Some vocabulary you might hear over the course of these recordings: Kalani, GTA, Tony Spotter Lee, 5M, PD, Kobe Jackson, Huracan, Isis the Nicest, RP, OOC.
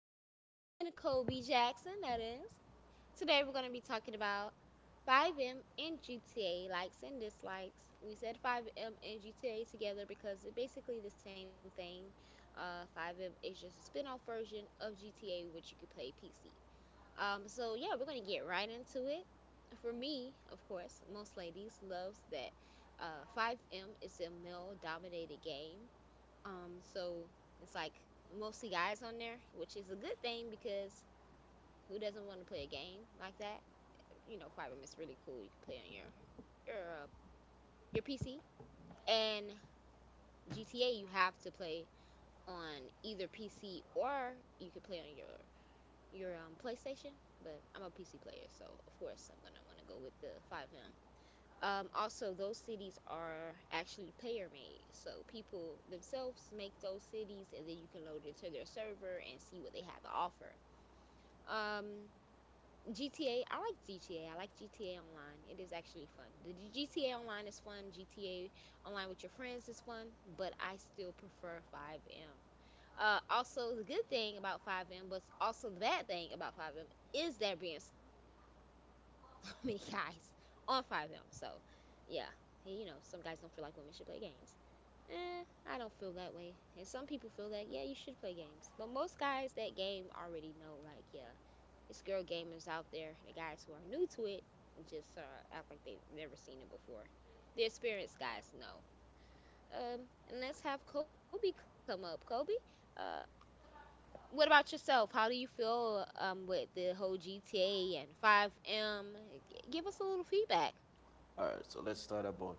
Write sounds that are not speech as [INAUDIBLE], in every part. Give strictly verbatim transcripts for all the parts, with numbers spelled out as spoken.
the Nicest and Kobe Jackson, that is. Today we're going to be talking about five M and G T A likes and dislikes. We said five M and G T A together because it's basically the same thing. Uh, five M is just a spin off version of G T A, which you could play P C. Um, so, yeah, we're going to get right into it. For me, of course, most ladies loves that uh, five M is a male dominated game um, so it's like mostly guys on there, which is a good thing because who doesn't want to play a game like that? You know, Five M is really cool. You can play on your your uh, your P C and G T A. You have to play on either P C or you could play on your your um, PlayStation. But I'm a P C player, so of course I'm gonna want to go with the five M. Um, also, those cities are actually player made. So people themselves make those cities and then you can load into their server and see what they have to offer. Um, G T A, I like G T A. I like G T A Online. It is actually fun. The G T A Online is fun. G T A Online with your friends is fun, but I still prefer five M. Uh, also, the good thing about five M, but also the bad thing about five M, is there being [LAUGHS] so many guys on five M. So yeah. he, You know, some guys don't feel like women should play games. Eh, I don't feel that way. And some people feel that, yeah, you should play games. But most guys that game already know, like, yeah, it's girl gamers out there. The guys who are new to it just uh, act like they've never seen it before. The experienced guys know. Um, and let's have Kobe come up. Kobe, uh, what about yourself? How do you feel um, with the whole G T A and five M? G- give us a little feedback. All right, so let's start about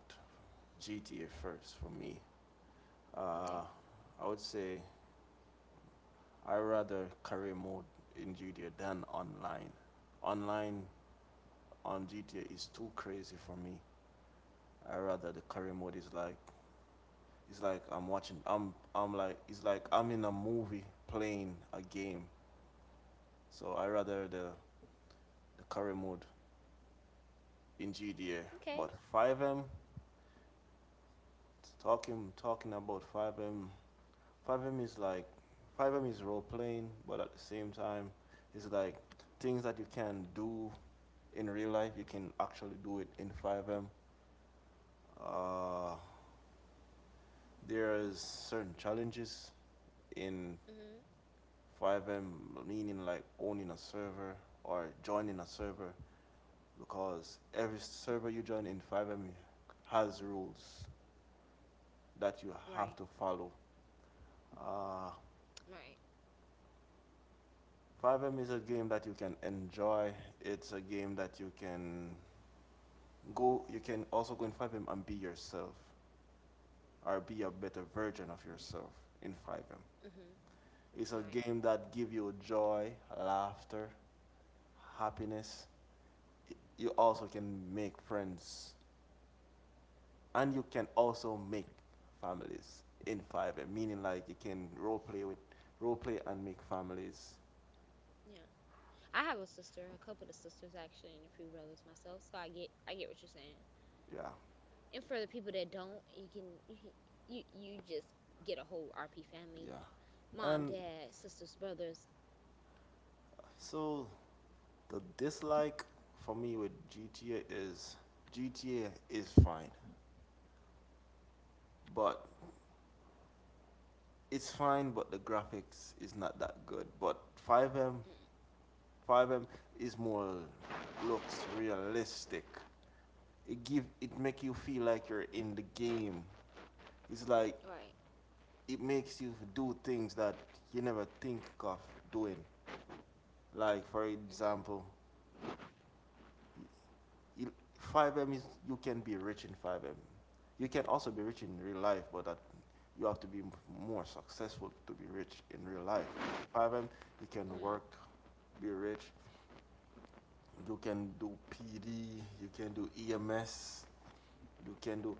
G T A first for me. Uh, Okay. I would say I rather career mode in G T A than online. Online on G T A is too crazy for me. I rather the career mode is like it's like I'm watching I'm I'm like it's like I'm in a movie playing a game. So I rather the the career mode in G T A. Okay. But five M, talking talking about five M five M is like five M is role playing, but at the same time, it's like things that you can do in real life, you can actually do it in five M. Uh, there's certain challenges in Hmm. five M, meaning like owning a server or joining a server, because every server you join in five M has rules Right. that you have to follow. Uh, Right. five M is a game that you can enjoy. It's a game that you can Go, you can also go in five M and be yourself, or be a better version of yourself in five M. Hmm. It's a Right. game that give you joy, laughter, happiness. You also can make friends, and you can also make families in five M, meaning like you can role play with role play and make families. Yeah. I have a sister, a couple of sisters actually, and a few brothers myself. So I get, I get what you're saying. Yeah, And for the people that don't, you can, you can- you, you just get a whole R P family, yeah. mom, And dad, sisters, brothers. so the dislike for me with G T A is G T A is fine, but it's fine, but the graphics is not that good. But 5M, Mm. 5M is more looks realistic. It give it make you feel like you're in the game. It's like Right. it makes you do things that you never think of doing. Like for Hmm. example, you, five M is you can be rich in five M. You can also be rich in real life, but that you have to be more successful to be rich in real life. In five M, you can Right. work, be rich. You can do P D. You can do E M S. You can do.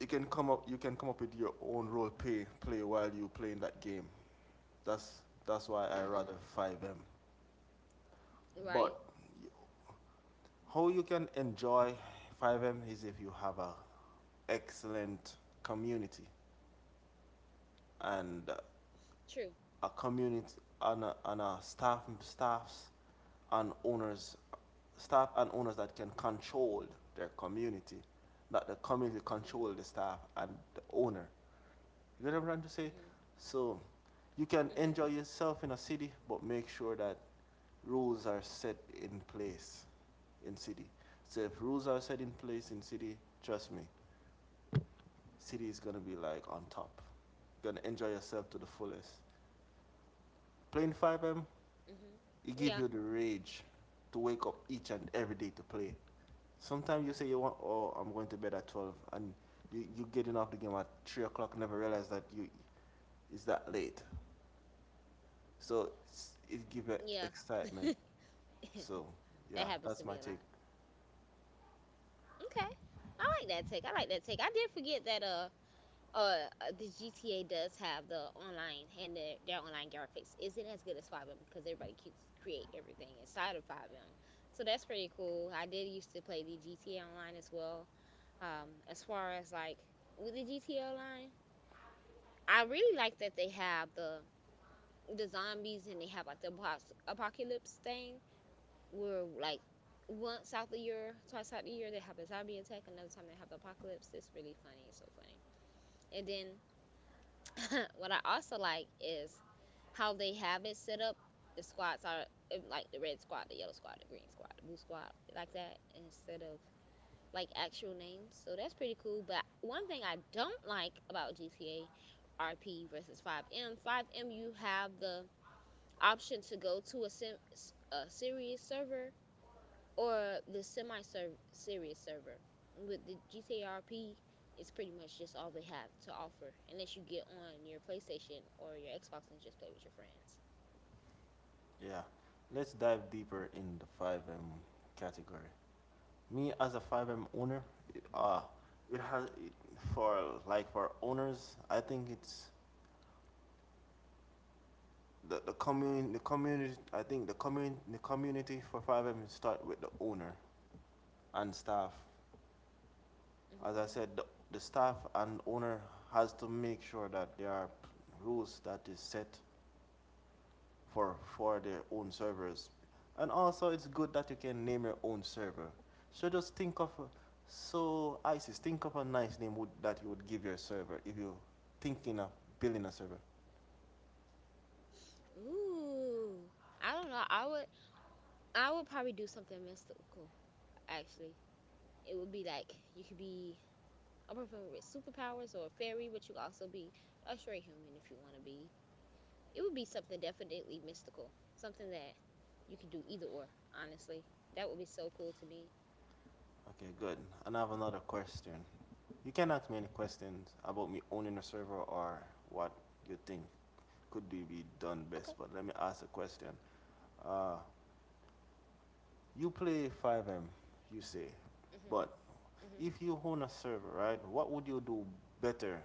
You can come up. You can come up with your own role play play while you playing that game. That's that's why Hmm. I rather five M. Right. But how you can enjoy five M is if you have a excellent community and True. a community and a, and a staff staffs and owners staff and owners that can control their community, that the community Hmm. control the staff and the owner. You get what I'm trying to say? Hmm. So Hmm. you can enjoy yourself in a city, but make sure that rules are set in place in city. So if rules are set in place in city, trust me, city is gonna be like on top. You're gonna enjoy yourself to the fullest. Playing Hmm. five M, Yeah. it give you the rage to wake up each and every day to play. Sometimes you say you want, oh, I'm going to bed at twelve, and you, you getting off the game at three o'clock, never realize that you it's that late. So it's, Yeah. it gives it [LAUGHS] excitement. So, That happens to yeah, me a lot. that's my take. Okay. I like that take. I like that take. I did forget that. Uh. Uh, uh, the G T A does have the online and their, their online graphics isn't as good as five M because everybody keeps create everything inside of five M. So that's pretty cool. I did used to play the G T A online as well. Um, as far as like with the G T A online, I really like that they have the the zombies and they have like the apos- apocalypse thing where like once out the year, twice out the year they have the zombie attack, another time they have the apocalypse. It's really funny. It's so funny. And then [COUGHS] [LAUGHS] what I also like is how they have it set up. The squads are uh, like the red squad, the yellow squad, the green squad, the blue squad, like that, instead of like actual names. So that's pretty cool. But one thing I don't like about G T A R P versus five M, five M you have the option to go to a, sim, a serious server or the semi serious server. With the G T R P, it's pretty much just all they have to offer, unless you get on your PlayStation or your Xbox and just play with your friends. Yeah. Let's dive deeper in the five M category. Me, as a five M owner, it, uh, it has, it, for like for owners, I think it's the, the community. The community i think the community the community for five M start with the owner and staff. As I Hmm. said, the, the staff and owner has to make sure that there are rules that is set for for their own servers, and also it's good that you can name your own server. So just think of so, Isis, think of a nice name would, that you would give your server if you're thinking of building a server. Ooh, I don't know. I would, I would probably do something mystical. Actually, it would be like you could be a person with superpowers or a fairy, but you could also be a straight human if you want to be. It would be something definitely mystical, something that you could do either or. Honestly, that would be so cool to me. Okay, good. And I have another question. You can ask me any questions about me owning a server or what you think could be Okay. done best, but let me ask a question. Uh, You play five M, you say, Mm-hmm. but Mm-hmm. if you own a server, right? What would you do better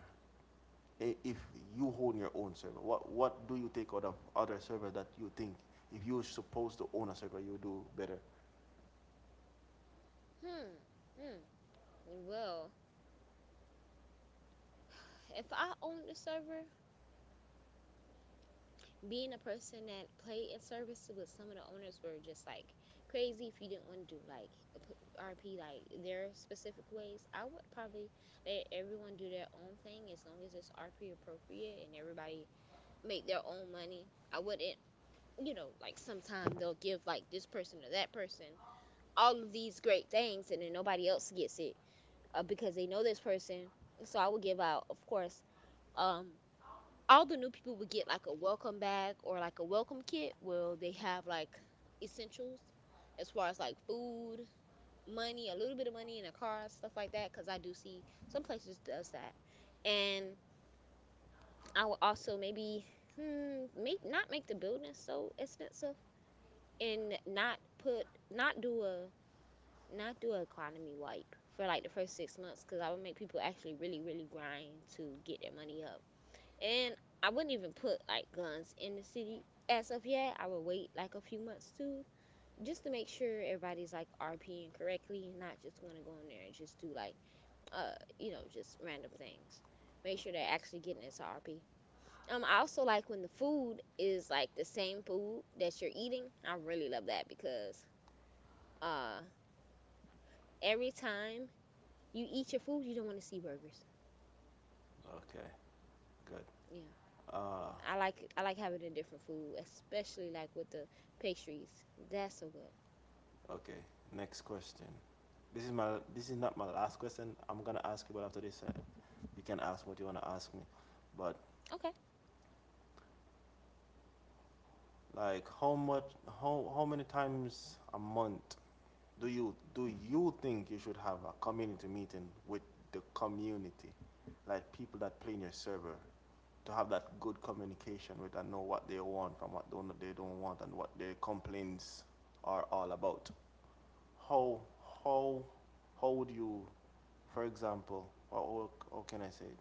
if you own your own server? What What do you take out of other servers that you think if you're supposed to own a server, you do better? Hmm. Hmm. Well, [SIGHS] if I owned a server, being a person that played in services with some of the owners were just like crazy. If you didn't want to do like p- R P, like their specific ways, I would probably let everyone do their own thing as long as it's R P appropriate and everybody make their own money. I wouldn't, you know, like sometimes they'll give like this person or that person all of these great things and then nobody else gets it, uh, because they know this person. So I would give out, of course. Um, all the new people would get like a welcome bag or like a welcome kit. Well, they have like essentials as far as like food, money, a little bit of money in a car, stuff like that. Because I do see some places does that. And I would also maybe hmm, make not make the building so expensive and not put not do a not do an economy wipe for like the first six months because I would make people actually really, really grind to get their money up. And I wouldn't even put like guns in the city as of yet. I would wait like a few months too, just to make sure everybody's like RPing correctly, not just want to go in there and just do like, uh, you know, just random things. Make sure they're actually getting into R P. Um, I also like when the food is like the same food that you're eating. I really love that because uh every time you eat your food, you don't want to see burgers. Okay, good. Yeah. I Uh, like I like having a different food, especially like with the pastries. That's so good. okay. Next question. This is my. This is not my last question. I'm gonna ask you, but after this, uh, you can ask what you wanna ask me. But Okay. like, how much? How how many times a month do you do you think you should have a community meeting with the community, like people that play in your server, to have that good communication with and know what they want from what don't, they don't want and what their complaints are all about? How how how would you, for example, or or- how can I say it?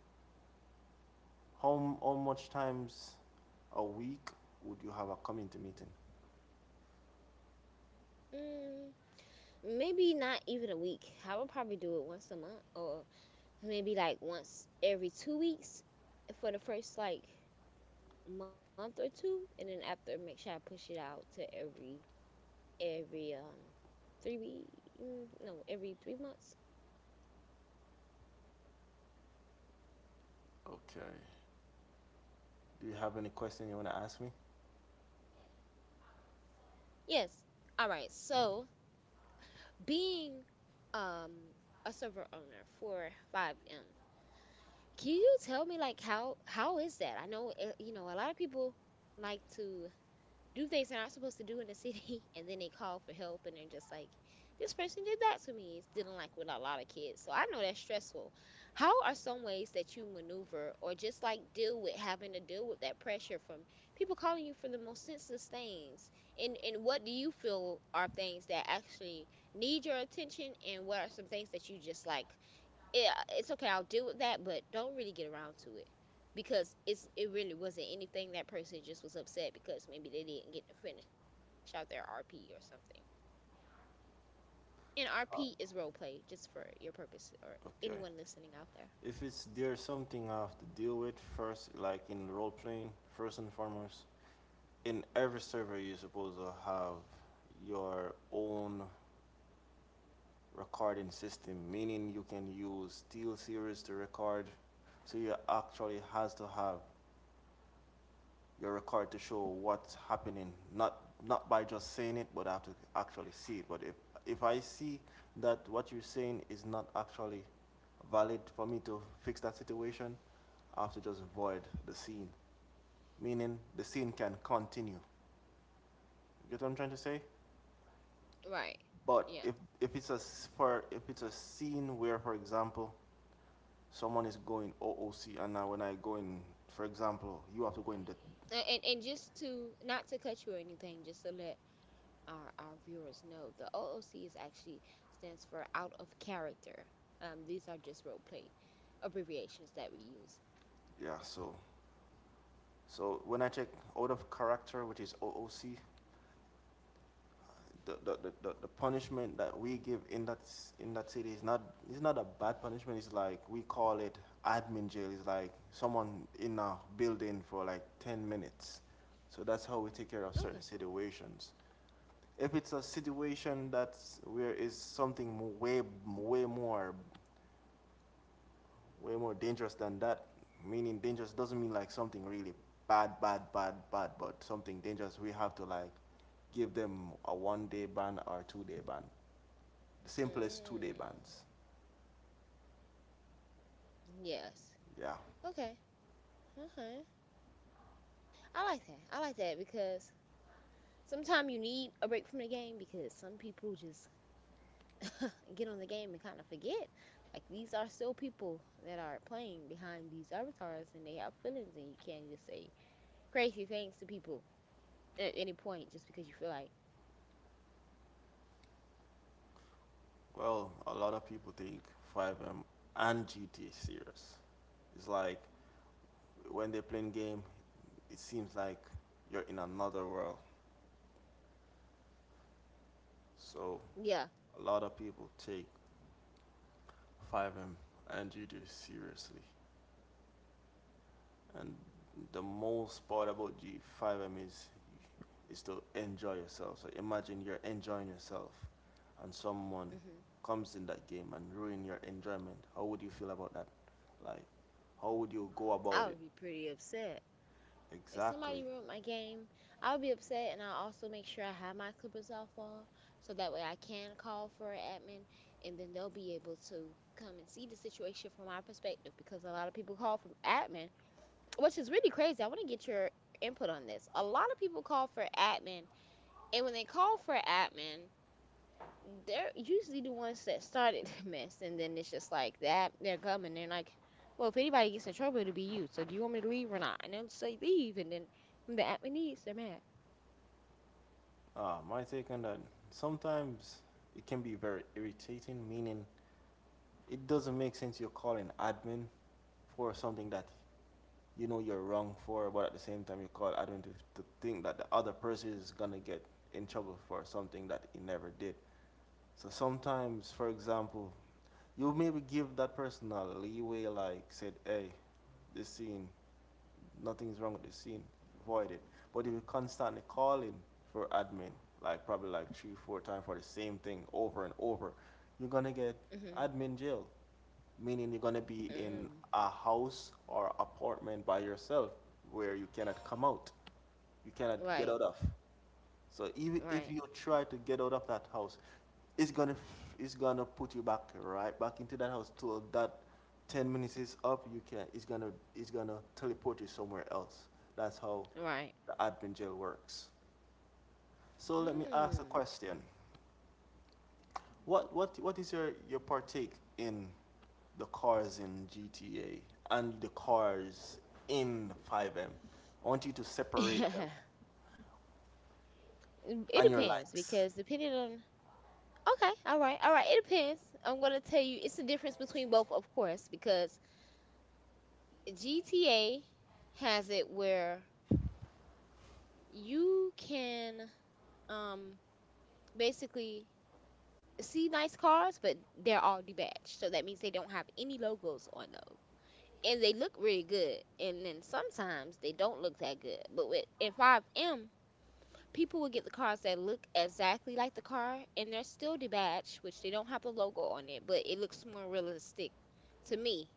How how much times a week would you have a community meeting? Mm, Maybe not even a week. I would probably do it once a month or maybe like once every two weeks for the first like month or two and then after make sure I push it out to every every um three week, mm, no, every three months. Okay. Do you have any question you want to ask me? Yes. All right. So being um a server owner for five M, can you tell me like how how is that? I know uh, you know a lot of people like to do things they're not supposed to do in the [LAUGHS] city and then they call for help and they're just like, this person did that to me. It's dealing like with a lot of kids, so I know that's stressful. How are some ways that you maneuver or just like deal with having to deal with that pressure from people calling you for the most senseless things, and and what do you feel are things that actually need your attention, and what are some things that you just like, yeah, it's okay. I'll deal with that, but don't really get around to it because it's it really wasn't anything. That person just was upset because maybe they didn't get to finish out their R P or something. And R P is role play, Uh, just for your purpose or anyone listening Okay. out there. If it's there's something I have to deal with first, like in role playing, first and foremost, in every server you're supposed to have your own recording system, meaning you can use Steel Series to record. So you actually has to have your record to show what's happening, not not by just saying it, but I have to actually see it. But if if I see that what you're saying is not actually valid for me to fix that situation, I have to just void the scene. Meaning the scene can continue. You get what I'm trying to say? Right. But Yeah. if if it's a for if it's a scene where, for example, someone is going O O C, and now when I go in, for example, you have to go in the. And and just to not to cut you or anything, just to let our our viewers know, the O O C is actually stands for out of character. Um, these are just role play abbreviations that we use. Yeah. So so when I check out of character, which is O O C, the, the, the- the, punishment that we give in that in that city is not it's not a bad punishment. It's like we call it admin jail. It's like someone in a building for like ten minutes. So that's how we take care of Okay. certain situations. If it's a situation that where is something way way more way more dangerous than that, meaning dangerous doesn't mean like something really bad bad bad bad, but something dangerous. We have to like give them a one day ban or two day ban. The simplest two day Mm, bans. yes. Yeah. Okay. Okay. I like that. I like that because sometimes you need a break from the game because some people just [LAUGHS] get on the game and kind of forget. Like these are still people that are playing behind these avatars and they have feelings, and you can't just say crazy things to people at any point just because you feel like, Well, a lot of people take five M and G T A serious. It's like when they're playing game, it seems like you're in another world. So yeah. a lot of people take five M and G T A seriously. And the most part about G five M is is to enjoy yourself. So imagine you're enjoying yourself and someone Hmm. comes in that game and ruin your enjoyment. How would you feel about that? Like, how would you go about it? I would be pretty upset. If somebody Exactly. ruined my game, I would be upset, and I'll also make sure I have my Clippers off wall so that way I can call for an admin, and then they'll be able to come and see the situation from my perspective because a lot of people call for admin, which is really crazy. I want to get your input on this. A lot of people call for admin, and when they call for admin, they're usually the ones that started the mess, and then it's just like that they're coming. They're like, well, if anybody gets in trouble, it'll be you. So do you want me to leave or not? And they'll say leave, and then when the Attenbees, they're mad. Uh, my take on that. Sometimes it can be very irritating, meaning it doesn't make sense you're calling admin for something that you know you're wrong for, but at the same time you call admin to, to think that the other person is gonna get in trouble for something that he never did. So sometimes, for example, you maybe give that person a leeway, like said, hey, this scene, nothing's wrong with this scene, avoid it. But if you're constantly calling for admin, like probably like three, four times for the same thing over and over, you're gonna get Mhm. admin jail, meaning you're gonna be in Mm. a house or apartment by yourself where you cannot come out, you cannot get out Right. of. So even if you Right. try to get out of that house, it's gonna it's gonna put you back right back into that house till that ten minutes is up. You can it's gonna it's gonna teleport you somewhere else. That's how Right. the admin jail works. So let me ask a Mm. question. What what what is your your partake in the cars in G T A and the cars in five M? I want you to separate [LAUGHS] them It and your depends because likes. depending on. Okay, all right, all right. It depends. I'm gonna tell you it's the difference between both, of course, because G T A has it where you can um basically see nice cars, but they're all debadged. So that means they don't have any logos on those. And they look really good. And then sometimes they don't look that good. But with in five M, people will get the cars that look exactly like the car and they're still debadged, which they don't have the logo on it, but it looks more realistic to me.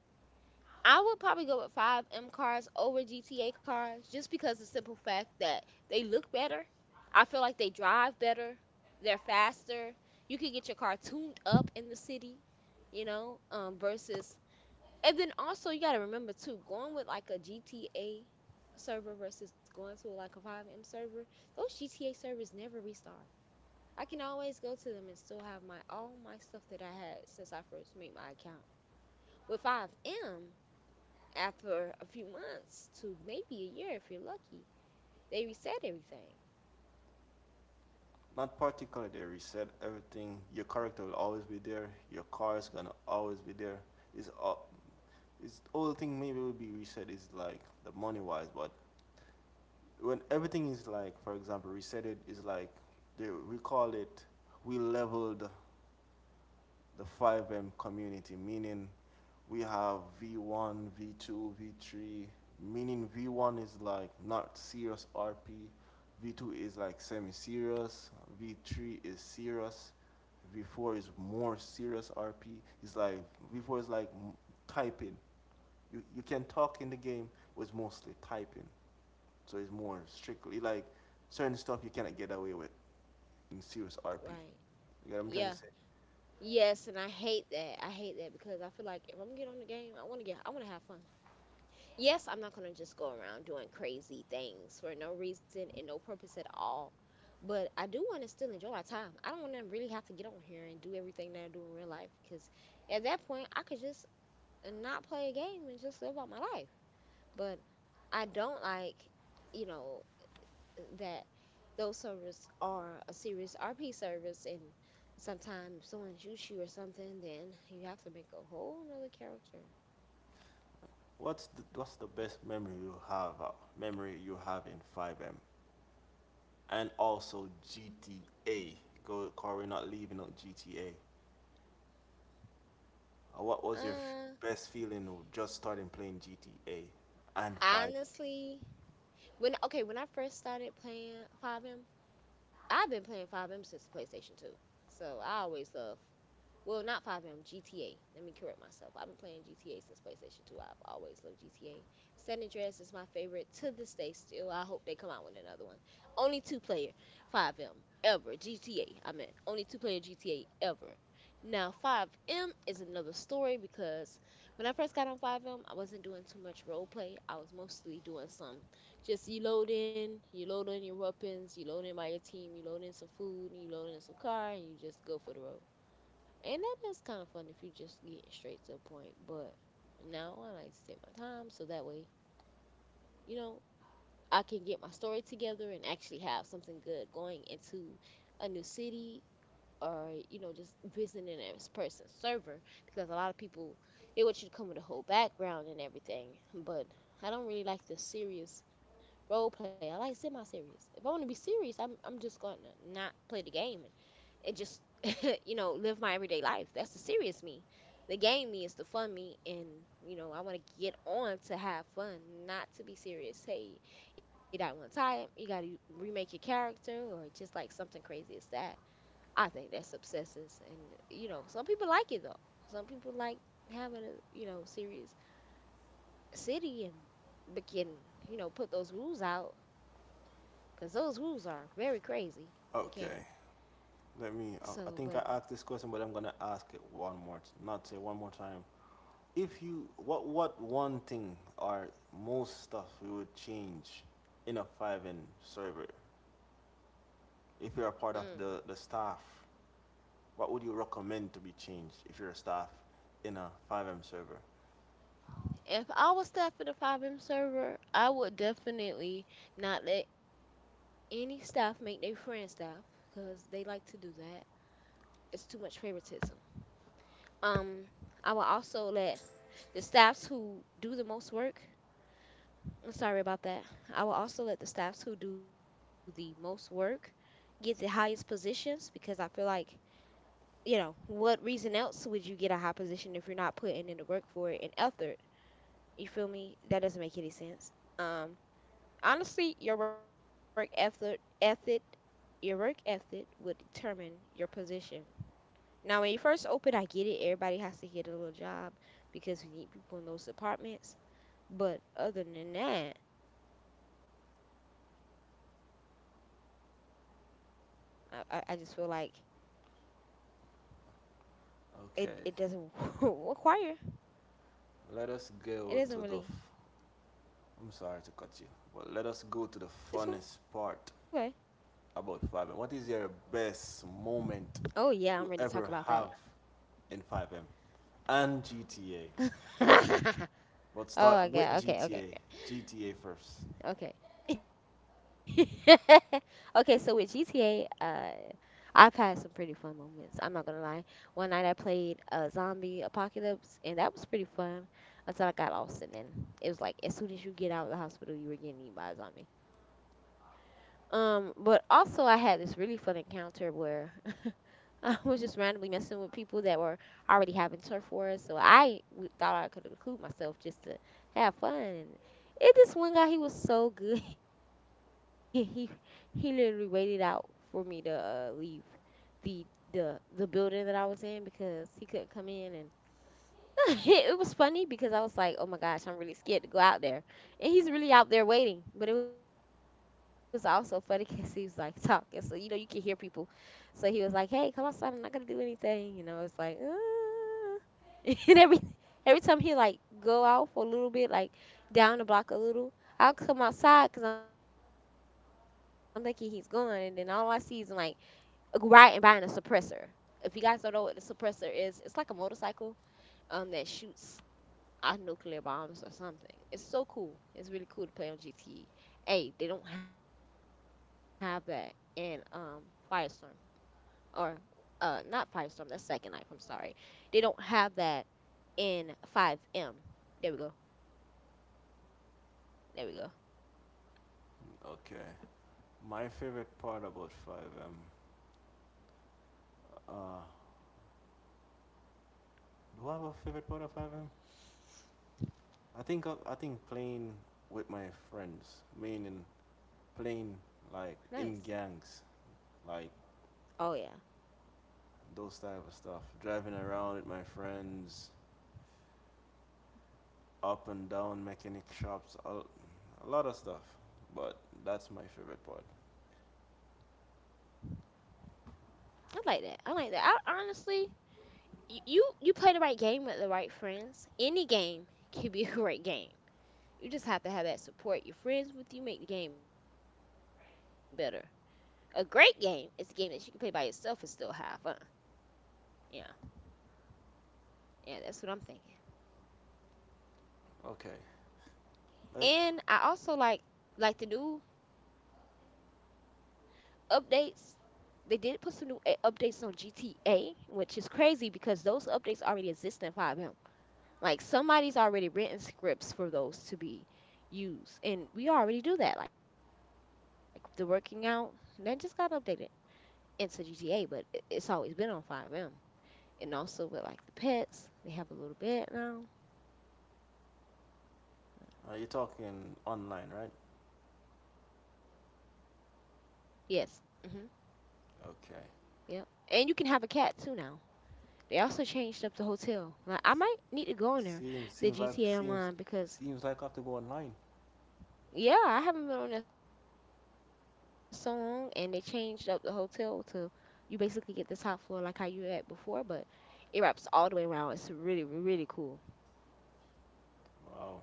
I would probably go with five M cars over G T A cars just because the simple fact that they look better. I feel like they drive better. They're faster. You can get your car tuned up in the city, you know, um, versus. And then also, you got to remember too, going with like a G T A server versus going to like a five M server, those G T A servers never restart. I can always go to them and still have my all my stuff that I had since I first made my account. With five M, after a few months to maybe a year if you're lucky, they reset everything. Not particularly they reset everything. Your character will always be there. Your car is gonna always be there. It's all, it's all the thing maybe will be reset is like the money wise. But when everything is like, for example, reset, it is like they we call it, we leveled the five M community, meaning we have V one, V two, V three, meaning V one is like not serious R P, V two is like semi serious, V three is serious, V four is more serious R P. It's like V four is like typing. You, you can talk in the game, but it's mostly typing. So it's more strictly like certain stuff you cannot get away with in serious R P. Right. You got what I'm trying to Yeah. say? Yes, and I hate that. I hate that because I feel like if I'm get on the game, I want to get I want to have fun. Yes, I'm not going to just go around doing crazy things for no reason and no purpose at all. But I do want to still enjoy my time. I don't want to really have to get on here and do everything that I do in real life because at that point, I could just not play a game and just live out my life. But I don't like, you know, that those servers are a serious R P service, and sometimes if someone shoots you or something, then you have to make a whole nother character. What's the, what's the best memory you have uh, memory you have in five M and also G T A? Go, Corey, not leaving on G T A. Uh, What was your f- Uh, best feeling of just starting playing G T A and five M? honestly, when okay, when I first started playing five M, I've been playing five M since PlayStation two, so I always love Well, not five M, G T A. Let me correct myself. I've been playing G T A since PlayStation two. I've always loved G T A. San Andreas is my favorite to this day still. I hope they come out with another one. Only two player five M ever. G T A, I meant. Only two player G T A ever. Now, five M is another story because when I first got on five M, I wasn't doing too much role play. I was mostly doing some, just you load in you load in your weapons, you load in by your team, you load in some food, and you load in some car, and you just go for the road. And that is kind of fun if you just get straight to the point. But now I like to take my time so that way, you know, I can get my story together and actually have something good going into a new city or, you know just visiting a person's server because a lot of people, they want you to come with a whole background and everything, but I don't really like the serious role play. I like semi-serious. If i want to be serious i'm, I'm just going to not play the game and, and just [LAUGHS] you know live my everyday life. That's the serious me. The game me is the fun me. And you know I want to get on to have fun, not to be serious. Hey, you got one time you got to remake your character or just like something crazy as that, I think that's obsessive. And you know, some people like it though. Some people like having a you know serious city and begin, you know put those rules out because those rules are very crazy. You can't. Okay, let me. Uh, So, I but think I asked this question, but I'm gonna ask it one more, t- not say one more time. If you, what, what one thing or most stuff you would change in a five M server if you're a mm, part of the the staff? What would you recommend to be changed if you're a staff in a five M server? If I was staff at a five M server, I would definitely not let any staff make their friend staff because they like to do that. It's too much favoritism. Um, I will also let the staffs who do the most work, I'm sorry about that. I will also let the staffs who do the most work get the highest positions because I feel like, you know, what reason else would you get a high position if you're not putting in the work for it and effort? You feel me? That doesn't make any sense. Um, honestly, your work effort, ethic, your work ethic would determine your position. Now, when you first open, I get it. Everybody has to get a little job because we need people in those departments. But other than that, I, I I just feel like it Okay, it doesn't [LAUGHS] require. let us go It to the. doesn't F- really. I'm sorry to cut you, but let us go to the funnest It's okay. part about five M. What is your best Oh moment yeah, I'm ready to you talk about ever that. have in five M and G T A? [LAUGHS] But Oh start my with God. Okay, G T A. okay, G T A first. okay. [LAUGHS] Okay, so with G T A, uh, I've had some pretty fun moments. I'm not gonna lie. One night I played uh, Zombie Apocalypse, and that was pretty fun until I got lost, and then it was like as soon as you get out of the hospital, you were getting eaten by a zombie. Um, but also I had this really fun encounter where [LAUGHS] I [LAUGHS] was just randomly messing with people that were already having turf wars. So I w- thought I could include myself just to have fun. And it this one guy, he was so good. [LAUGHS] he he literally waited out for me to uh, leave the the the building that I was in because he couldn't come in. And. [LAUGHS] It was funny because I was like, oh my gosh, I'm really scared to go out there. And he's really out there waiting. But it was also funny [LAUGHS] because he was like talking. So, you know, you can hear people. So he was like, hey, come outside. I'm not going to do anything. You know, it's like, uh. [LAUGHS] and every, every time he like go out for a little bit, like down the block a little, I'll come outside because I'm thinking he's gone. And then all I see is him like riding by in a suppressor. If you guys don't know what the suppressor is, it's like a motorcycle um that shoots uh, nuclear bombs or something. It's so cool. It's really cool to play on G T E. Hey, they don't have that in um Firestorm or uh not Firestorm, that's Second Life, I'm sorry. They don't have that in five M. There we go. There we go. Okay. My favorite part about five M. Uh, do I have a favorite part of five M? I think I think playing with my friends, meaning playing like Nice. in gangs, like Oh yeah. those type of stuff. Driving around with my friends, up and down mechanic shops, a, a lot of stuff. But that's my favorite part. I like that. I like that. I honestly, y- you you play the right game with the right friends. Any game can be [LAUGHS] a great game. You just have to have that support. Your friends with you make the game better. A great game is a game that you can play by yourself and still have fun. Yeah, yeah, that's what I'm thinking. Okay, let, And I also like like the new updates. They did put some new a- updates on G T A, which is crazy because those updates already exist in five M. Like somebody's already written scripts for those to be used, and we already do that. Like the working out, that just got updated into G T A, but it- it's always been on five M. And also with like the pets, they have a little bed now. are you talking online, right? Yes. hmm Okay, Yep. And you can have a cat too now. They also changed up the hotel. Like I might seems need seems to like go in there, seems the seems like G T A I have to go Online, online. because yeah, I haven't been on there so long, and they changed up the hotel to, you basically get the top floor like how you had before, but it wraps all the way around. It's really really cool. Wow.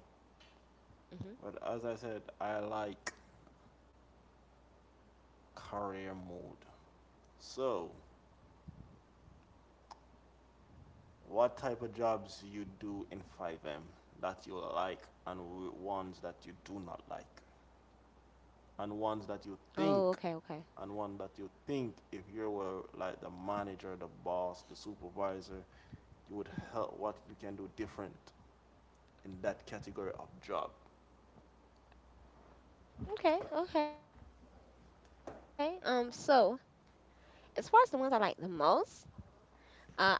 But as I said, I hmm like career mode. So what type of jobs you do in five M that you like and ones that you do not like and ones that you think Oh, okay, okay. and one that you think if you were like the manager, the boss, the supervisor, you would help what you can do hmm different in that category of job. Okay, okay. Um, so as far as the ones I like the most,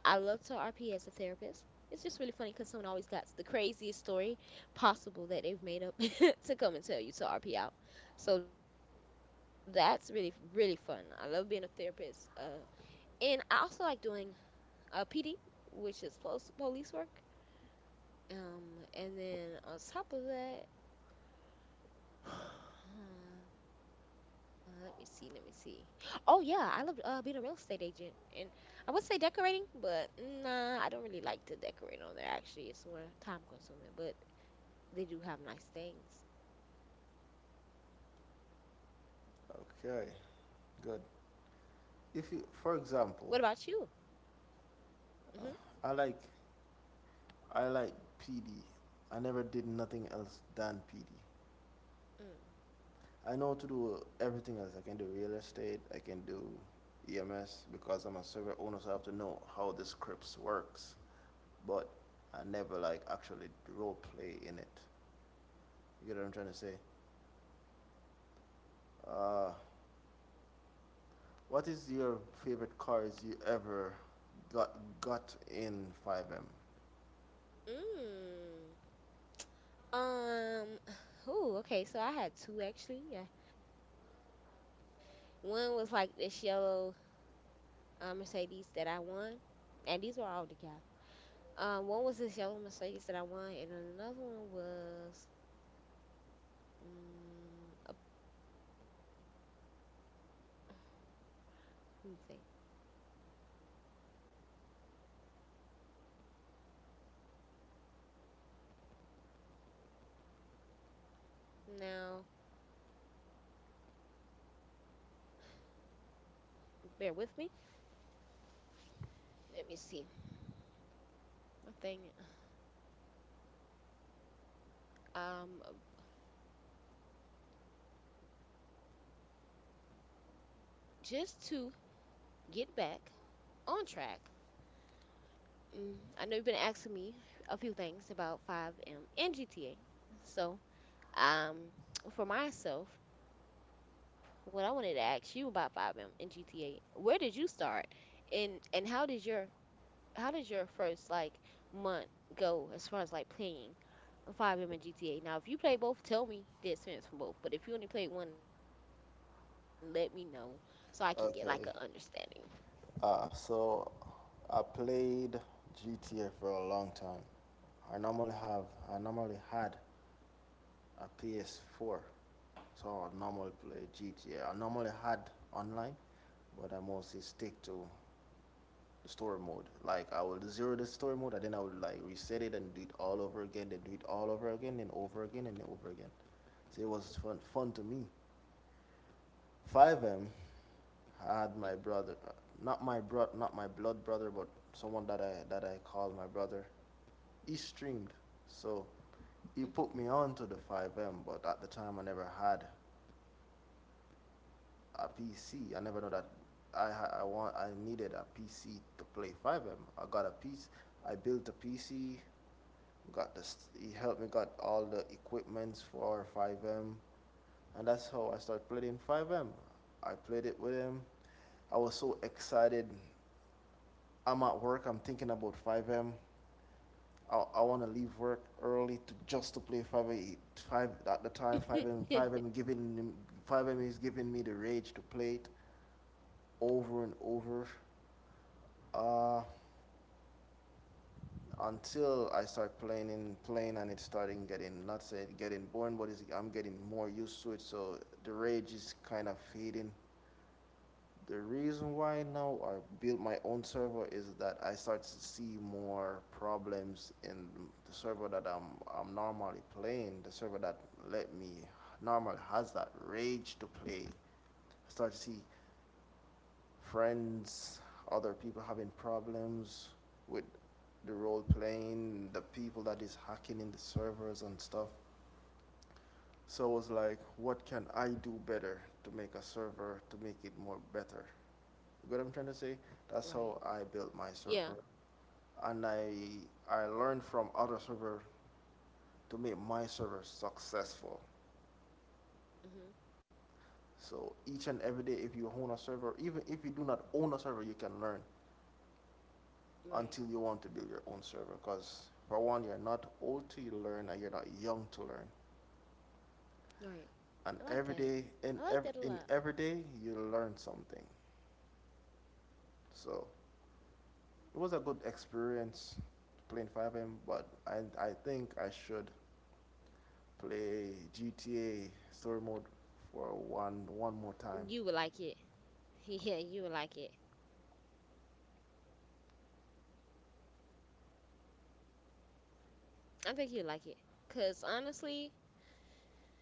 Uh, I love to R P as a therapist. It's just really funny because someone always got the craziest story possible that they've made up [LAUGHS] to come and tell you to R P out. So that's really, really fun. I love being a therapist. Uh, and I also like doing uh, P D, which is post police work. Um, and then on top of that, [SIGHS] Uh, Let me see, let me see. Oh yeah, I love uh being a real estate agent. And I would say decorating, but nah, I don't really like to decorate on there actually. It's more time consuming, but they do have nice things. Okay, good. If you, for example, What about you? uh, I Mhm. like, I like P D. I never did nothing else than P D. I know to do everything else. I can do real estate. I can do E M S because I'm a server owner, so I have to know how the scripts works. But I never like actually role play in it. You get what I'm trying to say? Uh, what is your favorite cars you ever got got in five M? Mm. Mm. Um, [SIGHS] ooh, okay, so I had two actually. Yeah. One was like this yellow uh, Mercedes that I won, and these were all decals. Um, one was this yellow Mercedes that I won, and another one was, um, a, let me think. Now, bear with me. Let me see. My thing, um, just to get back on track. Mm, I know you've been asking me a few things about five M and G T A. So, um, for myself, what I wanted to ask you about five M and G T A, where did you start? And and how did your how did your first like month go as far as like playing five M and G T A? Now, if you play both, tell me the experience from both. But if you only played one, let me know so I can get like an Okay. understanding. Uh, so I played G T A for a long time. I normally have I normally had a P S four, so I normally play G T A. I normally had online, but I mostly stick to story mode. Like I will zero the story mode, and then I will like reset it and do it all over again, then do it all over again, and over again, and over again. So it was fun, fun to me. five M, I had my brother, uh, Hmm not my bro, not my blood brother, but someone that I that I call my brother. He streamed, so he put me on to the five M, but at the time I never had a P C. I never know that I I want I needed a P C to play five M. I got a piece. I built a P C. Got this. He helped me got all the equipments for five M, and that's how I started playing five M. I played it with him. I was so excited. I'm at work. I'm thinking about five M. I, I want to leave work early to just to play five M. Five at the time 5M hmm 5M [LAUGHS] giving five M is giving me the rage to play it over and over. Uh, until I start playing and playing and it's starting getting not say getting boring, but it's, I'm getting more used to it. So the rage is kind of fading. The reason why now I built my own server is that I start to see more problems in the server that I'm I'm normally playing. The server that let me normally has that rage to play. I start to see friends, other people having problems with the role playing, the people that is hacking in the servers and stuff. So I was like, what can I do better to make a server to make it more better? You get what I'm trying to say? Right. That's how I built Yeah. my server. And I I learned from other server to make my server successful. hmm So each and every day if you own a server, even if you do not own a server, you can learn, Right. until you want to build your own server. Because for one, you're not old to learn and you're not young to learn. Right. I like And that. every day, I like in that a every, lot. in every day, you learn something. So it was a good experience playing five M, but I, I think I should play G T A story mode for one one more You time. would like it. [LAUGHS] Yeah, you would like it. I think you'd like it. Cause honestly,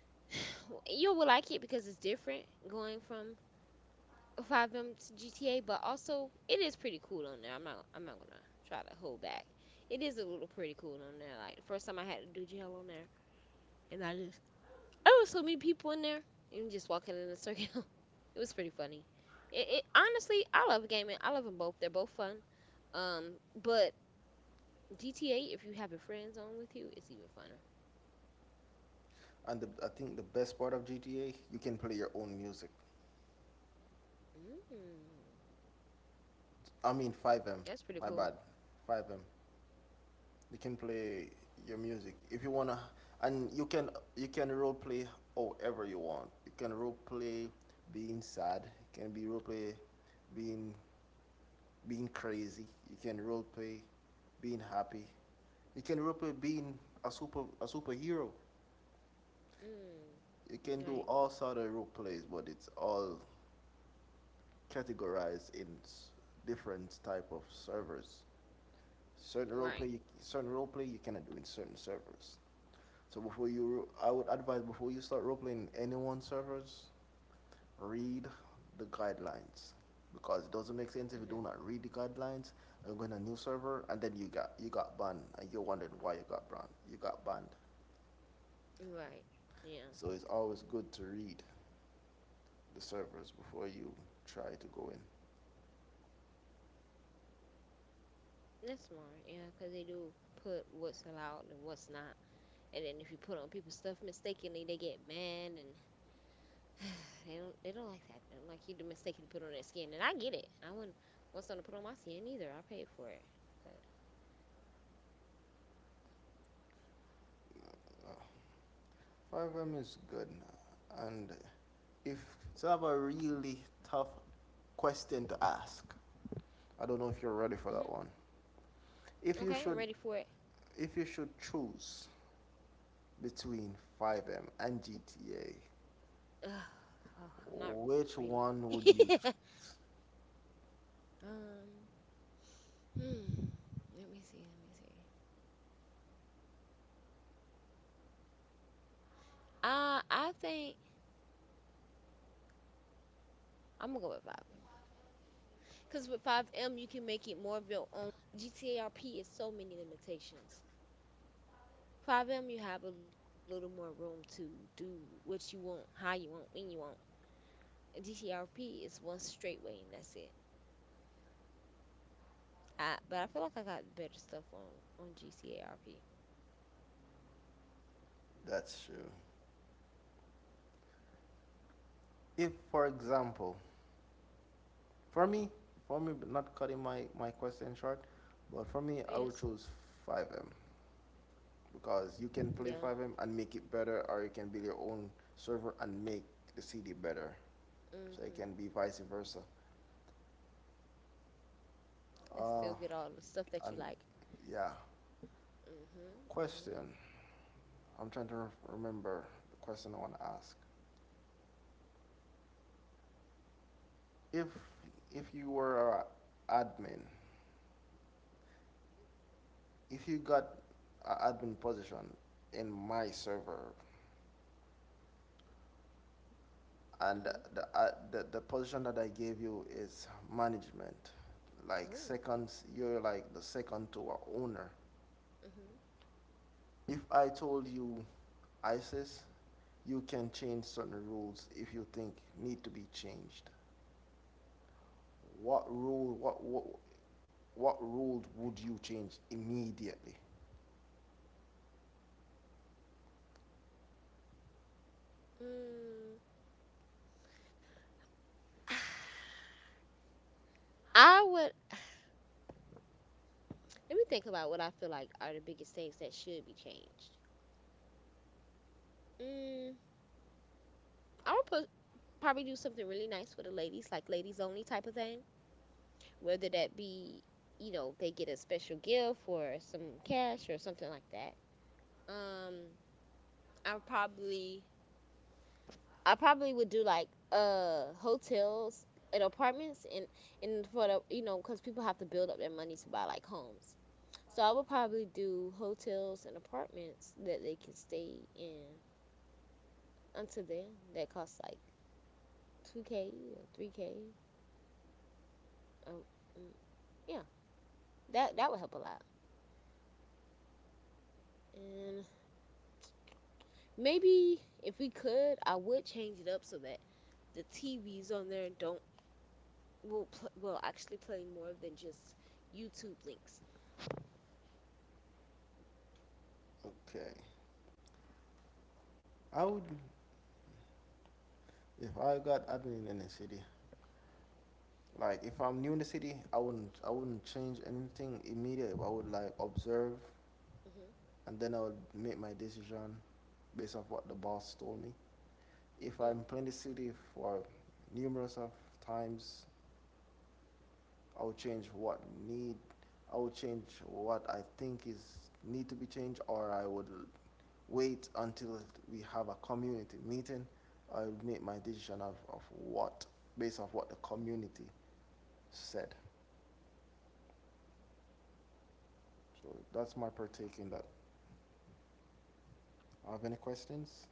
[SIGHS] you will like it because it's different going from five M to G T A, but also it is pretty cool on there. I'm not I'm not gonna try to hold back. It is a little pretty cool on there. Like the first time I had to do jail on there, and I just... Oh, so many people in there, and just walking in a circle. [LAUGHS] It was pretty funny. It, it honestly, I love gaming. I love them both. They're both fun. Um, but G T A, if you have your friends on with you, it's even funner. And the, I think the best part of G T A, you can play your own music. Mm, I mean five M, that's pretty my cool. bad, five M. They can play your music if you wanna, and you can you can role play however you want. You can role play being sad. You can be role play being being crazy. You can role play being happy. You can role play being a super a superhero. Mm, You can do right, all sort of role plays, but it's all categorized in different type of servers. Certain role play, you, right, Certain role play you cannot do in certain servers. So before you, I would advise before you start role playing anyone's servers, read the guidelines, because it doesn't make sense if you hmm do not read the guidelines and go in a new server and then you got you got banned and you're wondering why you got banned. You got banned. right. Yeah. So it's always good to read the servers before you try to go in. That's smart, yeah, 'cause they do put what's allowed and what's not, and then if you put on people's stuff mistakenly, they get mad and [SIGHS] they don't they don't like that. They don't like you to mistakenly put on their skin, and I get it. I wouldn't want someone to put on my skin either. I paid for it, but... Uh, five M is good now. And if it's have a really tough question to ask, I don't know if you're ready for that hmm. one. If you Okay, should, I'm ready for it. if you should choose between five M and G T A, [SIGHS] Ugh. Oh, I'm not ready. which one would you [LAUGHS] choose? um, hmm. Let me see. Let me see. Uh, I think I'm gonna go with five. Because with five M, you can make it more of your own world. G T A R P is so many limitations. five M, you have a little more room to do what you want, how you want, when you want. And G T A R P is one straight way, and that's it. I, but I feel like I got better stuff on, on G T A R P. That's true. If, for Mhm. example, for me, For me, not cutting my my question short, but for me, I would Yes. choose five M, because you can play Yeah. five M and make it better, or you can build your own server and make the C D better. So it can be Hmm. vice versa. And still Uh, get all the stuff that you and like. yeah, Mm-hmm. question. I'm trying to remember the question I want to ask. If if you were a admin, if you got an admin position in my server, and the the, Hmm. uh, the the position that I gave you is management, like Mm-hmm. Ooh. seconds, you're like the second to our owner. If I told you, Isis, you can change certain rules if you think need to be changed, what rule, what, what, what rule would you change immediately? Hmm. Mm. [SIGHS] I would... let me think about what I feel like are the biggest things that should be changed. Mm, I would put, probably do something really nice for the ladies, like ladies only type of thing. Whether that be, you know, they get a special gift or some cash or something like that. Um, I would probably, I probably would do like uh hotels and apartments, and and for the, you know, because people have to build up their money to buy like homes. So I would probably do hotels and apartments that they can stay in until then that costs like two k or three k. Oh, mm, yeah, that that would help a lot. And maybe if we could, I would change it up so that the tvs on there don't... will pl- will actually play more than just youtube links. Okay. I would, if I got admin in the city, like if I'm new in the city, I wouldn't, I wouldn't change anything immediately. I would like observe, hmm and then I would make my decision based off what the boss told me. If I'm mm. playing the city for numerous of times, I would change what need, I would change what I think is need to be changed, or I would wait until we have a community meeting. I will make my decision of, of what, based off what the community said. So that's my partake in that. Have any questions?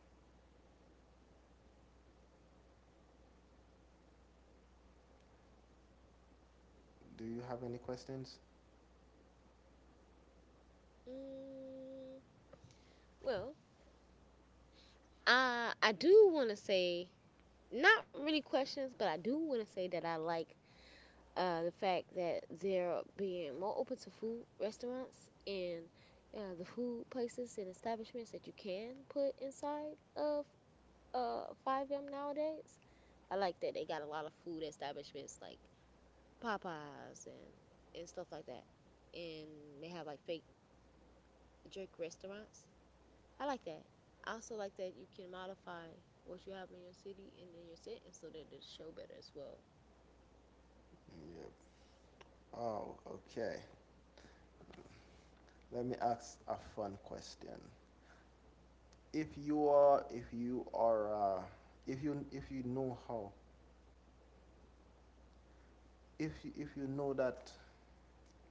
Do you have any questions? Mm, well, I i do want to say, not really questions, but I do want to say that I like uh, the fact that they're being more open to food restaurants, and uh, the food places and establishments that you can put inside of, uh, Five M nowadays. I like that they got a lot of food establishments like Popeyes and and stuff like that, and they have like fake jerk restaurants. I like that. I also like that you can modify what you have in your city and in your sentence so that it show better as well. Yep. Oh, okay. Let me ask a fun question. If you are, if you are, uh, if you if you know how, if you, If you know that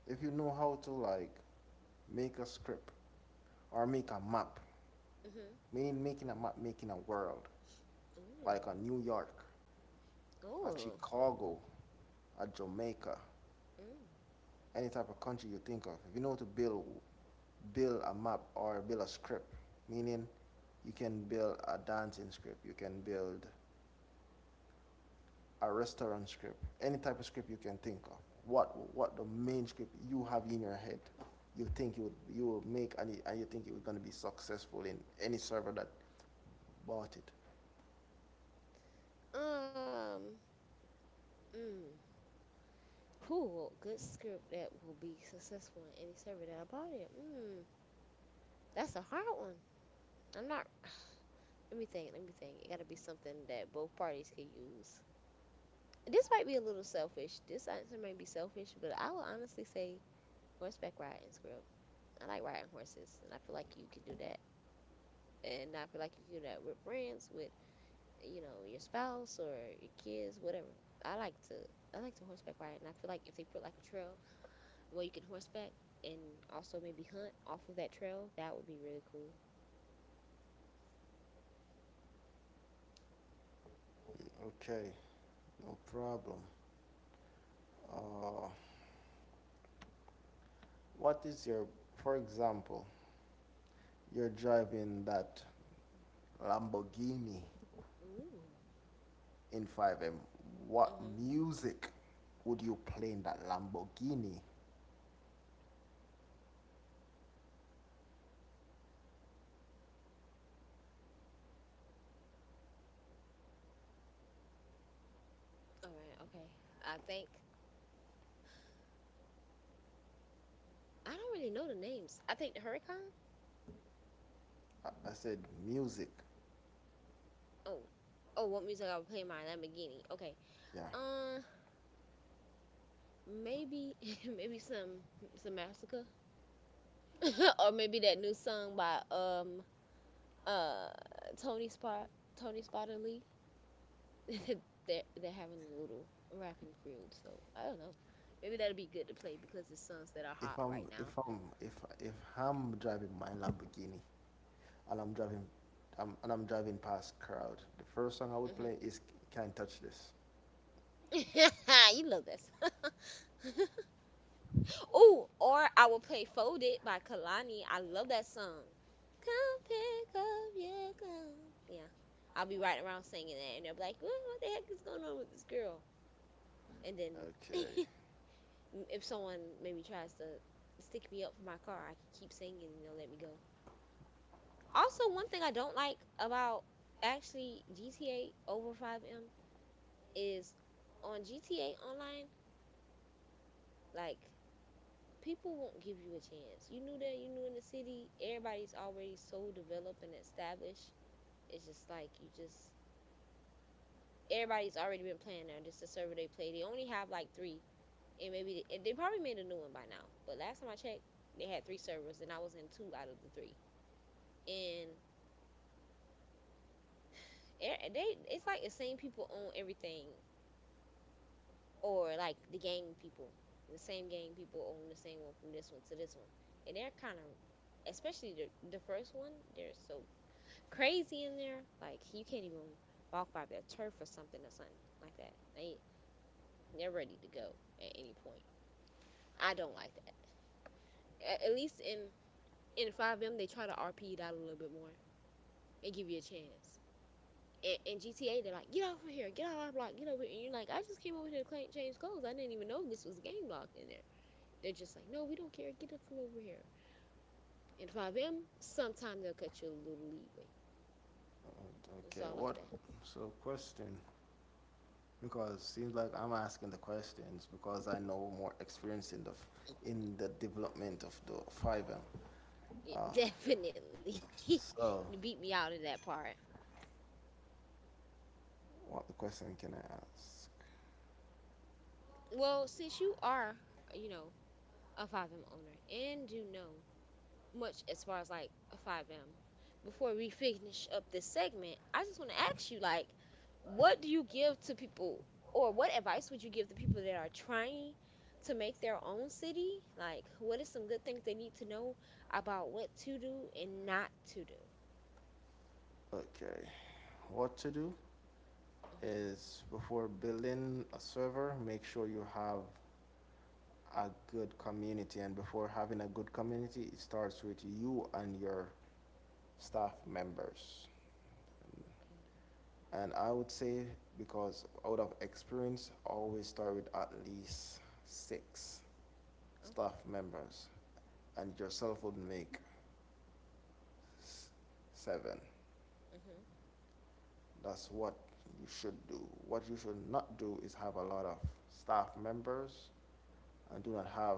if you know how to like make a script or make a map, Mhm. meaning making a map, making a world, like a Ooh. New York, a Ooh. Chicago, a Jamaica, Mm. any type of country you think of. If you know how to build build a map or build a script, meaning you can build a dancing script, you can build a restaurant script, any type of script you can think of. What what the main script you have in your head, you think you would you will make, and you, and you think you're going to be successful in any server that bought it. Um, mm, cool, good script that will be successful in any server that I bought it. Mm, that's a hard one. I'm not. [SIGHS] Let me think. Let me think. It got to be something that both parties can use. This might be a little selfish. This answer may be selfish, but I would honestly say horseback riding script. I like riding horses, and I feel like you can do that. And I feel like you can do that with friends, with you know your spouse or your kids, whatever. I like to. I like to horseback ride, and I feel like if they put like a trail... well, you can horseback and also maybe hunt off of that trail. That would be really cool. Okay, no problem. Uh, what is your, for example, you're driving that Lamborghini Ooh. in five M. What Mhm. music would you play in that Lamborghini? All right. Okay. I think... I don't really know the names. I think the Huracan. I, I said music. Oh. Oh, what music I would play in my Lamborghini? Okay. Yeah. Uh, maybe [LAUGHS] maybe some some Massacre, [LAUGHS] or maybe that new song by um uh Tony Spot, Tony Spotter Lee. [LAUGHS] they're they're having a little rapping field, so I don't know. Maybe that'll be good to play because it's songs that are hot If I'm right if now. I'm if if I'm driving my Lamborghini and I'm driving I'm, and I'm driving past crowd, the first song I would Hmm. play is "Can't Touch This." [LAUGHS] You love this. Ooh, [LAUGHS] or I will play "Folded" by Kalani. I love that song. Come pick up your gun. Yeah, I'll be riding around singing that, and they'll be like, "What, what the heck is going on with this girl?" And then [LAUGHS] Okay. if someone maybe tries to stick me up for my car, I can keep singing and they'll let me go. Also, one thing I don't like about actually G T A over five M is on G T A Online, like people won't give you a chance. You knew that, you knew in the city, everybody's already so developed and established. It's just like you just... everybody's already been playing there. This is the server they play. They only have like three, and maybe they, they probably made a new one by now. But last time I checked, they had three servers, and I was in two out of the three. And e- they, it's like the same people own everything, or like the gang people, the same gang people own the same one from this one to this one, and they're kind of, especially the the first one, they're so crazy in there. Like you can't even walk by their turf or something or something like that. They they're ready to go at any point. I don't like that. A- At least in in five M they try to R P it out a little bit more and give you a chance. In, in G T A they're like, get over here, get out of our block, get over here, and you're like, I just came over here to clean, change clothes. I didn't even know this was a game block in there. They're just like, no, we don't care. Get up from over here. In five M, sometimes they'll cut you a little leeway. Uh, That's okay. all. I What? like that. So question. Because it seems like I'm asking the questions because I know more experience in the f- in the development of the fiber. It Uh, definitely [LAUGHS] beat me so out in that part. what the question can I ask? Well, since you are, you know, a five M owner and do know much as far as like a five M. Before we finish up this segment, I just want to ask you like, what do you give to people, or what advice would you give to people that are trying to make their own city? Like, what is some good things they need to know about what to do and not to do? Okay, what to do Hmm. is before building a server, make sure you have a good community, and before having a good community, it starts with you and your staff members. Okay. And I would say because out of experience, always start with at least six staff Okay. members, and yourself would make seven. Hmm. That's what you should do. What you should not do is have a lot of staff members and do not have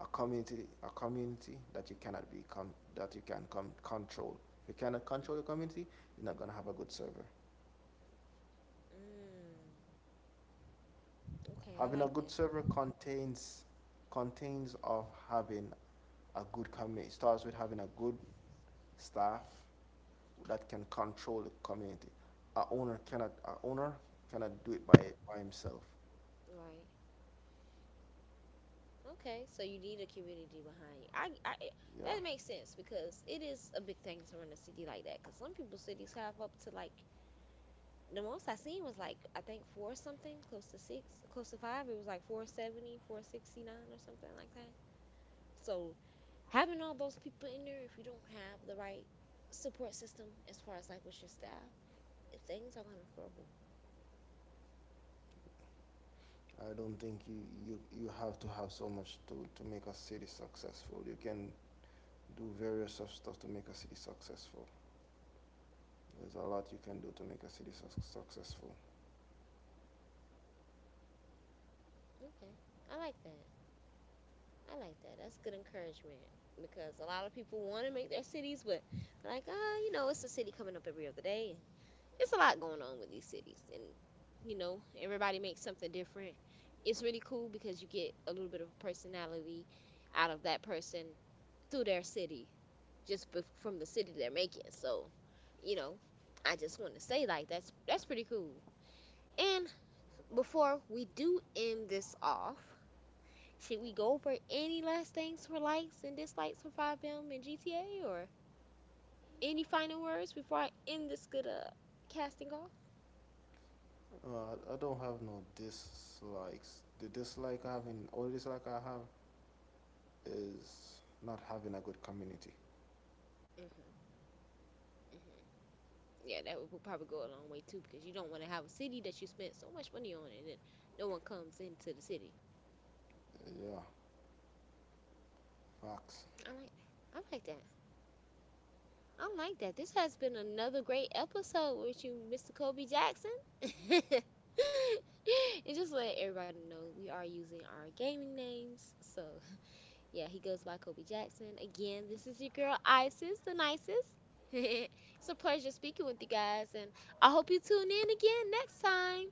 a community a community that you cannot be con- that you can con- control. If you cannot control the community, you're not gonna have a good server. Mm. Okay. I Having a like that. good server contains contains of having a good community. It Starts with having a good staff that can control the community. A owner cannot, a owner cannot do it by, by himself. Right. Okay, so you need a community behind you. I, I, Yeah, that makes sense because it is a big thing to run a city like that. Because some people's cities have up to like, the most I seen was like I think four something, close to six, close to five. It was like four seventy, four sixty nine or something like that. So having all those people in there, if you don't have the right support system as far as like with your staff, if things are gonna crumble. I don't think you, you, you have to have so much to, to make a city successful. You can do various of stuff to make a city successful. There's a lot you can do to make a city suc successful. Okay, I like that. I like that. That's good encouragement because a lot of people want to make their cities, but like, ah, you know, it's a city coming up every other day. And it's a lot going on with these cities, and you know, everybody makes something different. It's really cool because you get a little bit of personality out of that person through their city, just bef- from the city they're making. So, you know, I just want to say like that's that's pretty cool. And before we do end this off, should we go over any last things for likes and dislikes for five M and G T A or any final words before I end this good uh, casting off? Uh, I don't have no dislikes. The dislike I have in, Only dislike I have is not having a good community. Mm-hmm, mm-hmm. Yeah, that would probably go a long way too because you don't want to have a city that you spent so much money on and then no one comes into the city. Uh, Yeah, facts. I like, I like that. I like that. This has been another great episode with you, Mister Kobe Jackson. [LAUGHS] And just let everybody know we are using our gaming names, so... Yeah, he goes by Kobe Jackson. Again, this is your girl Isis, the nicest. [LAUGHS] It's a pleasure speaking with you guys, and I hope you tune in again next time.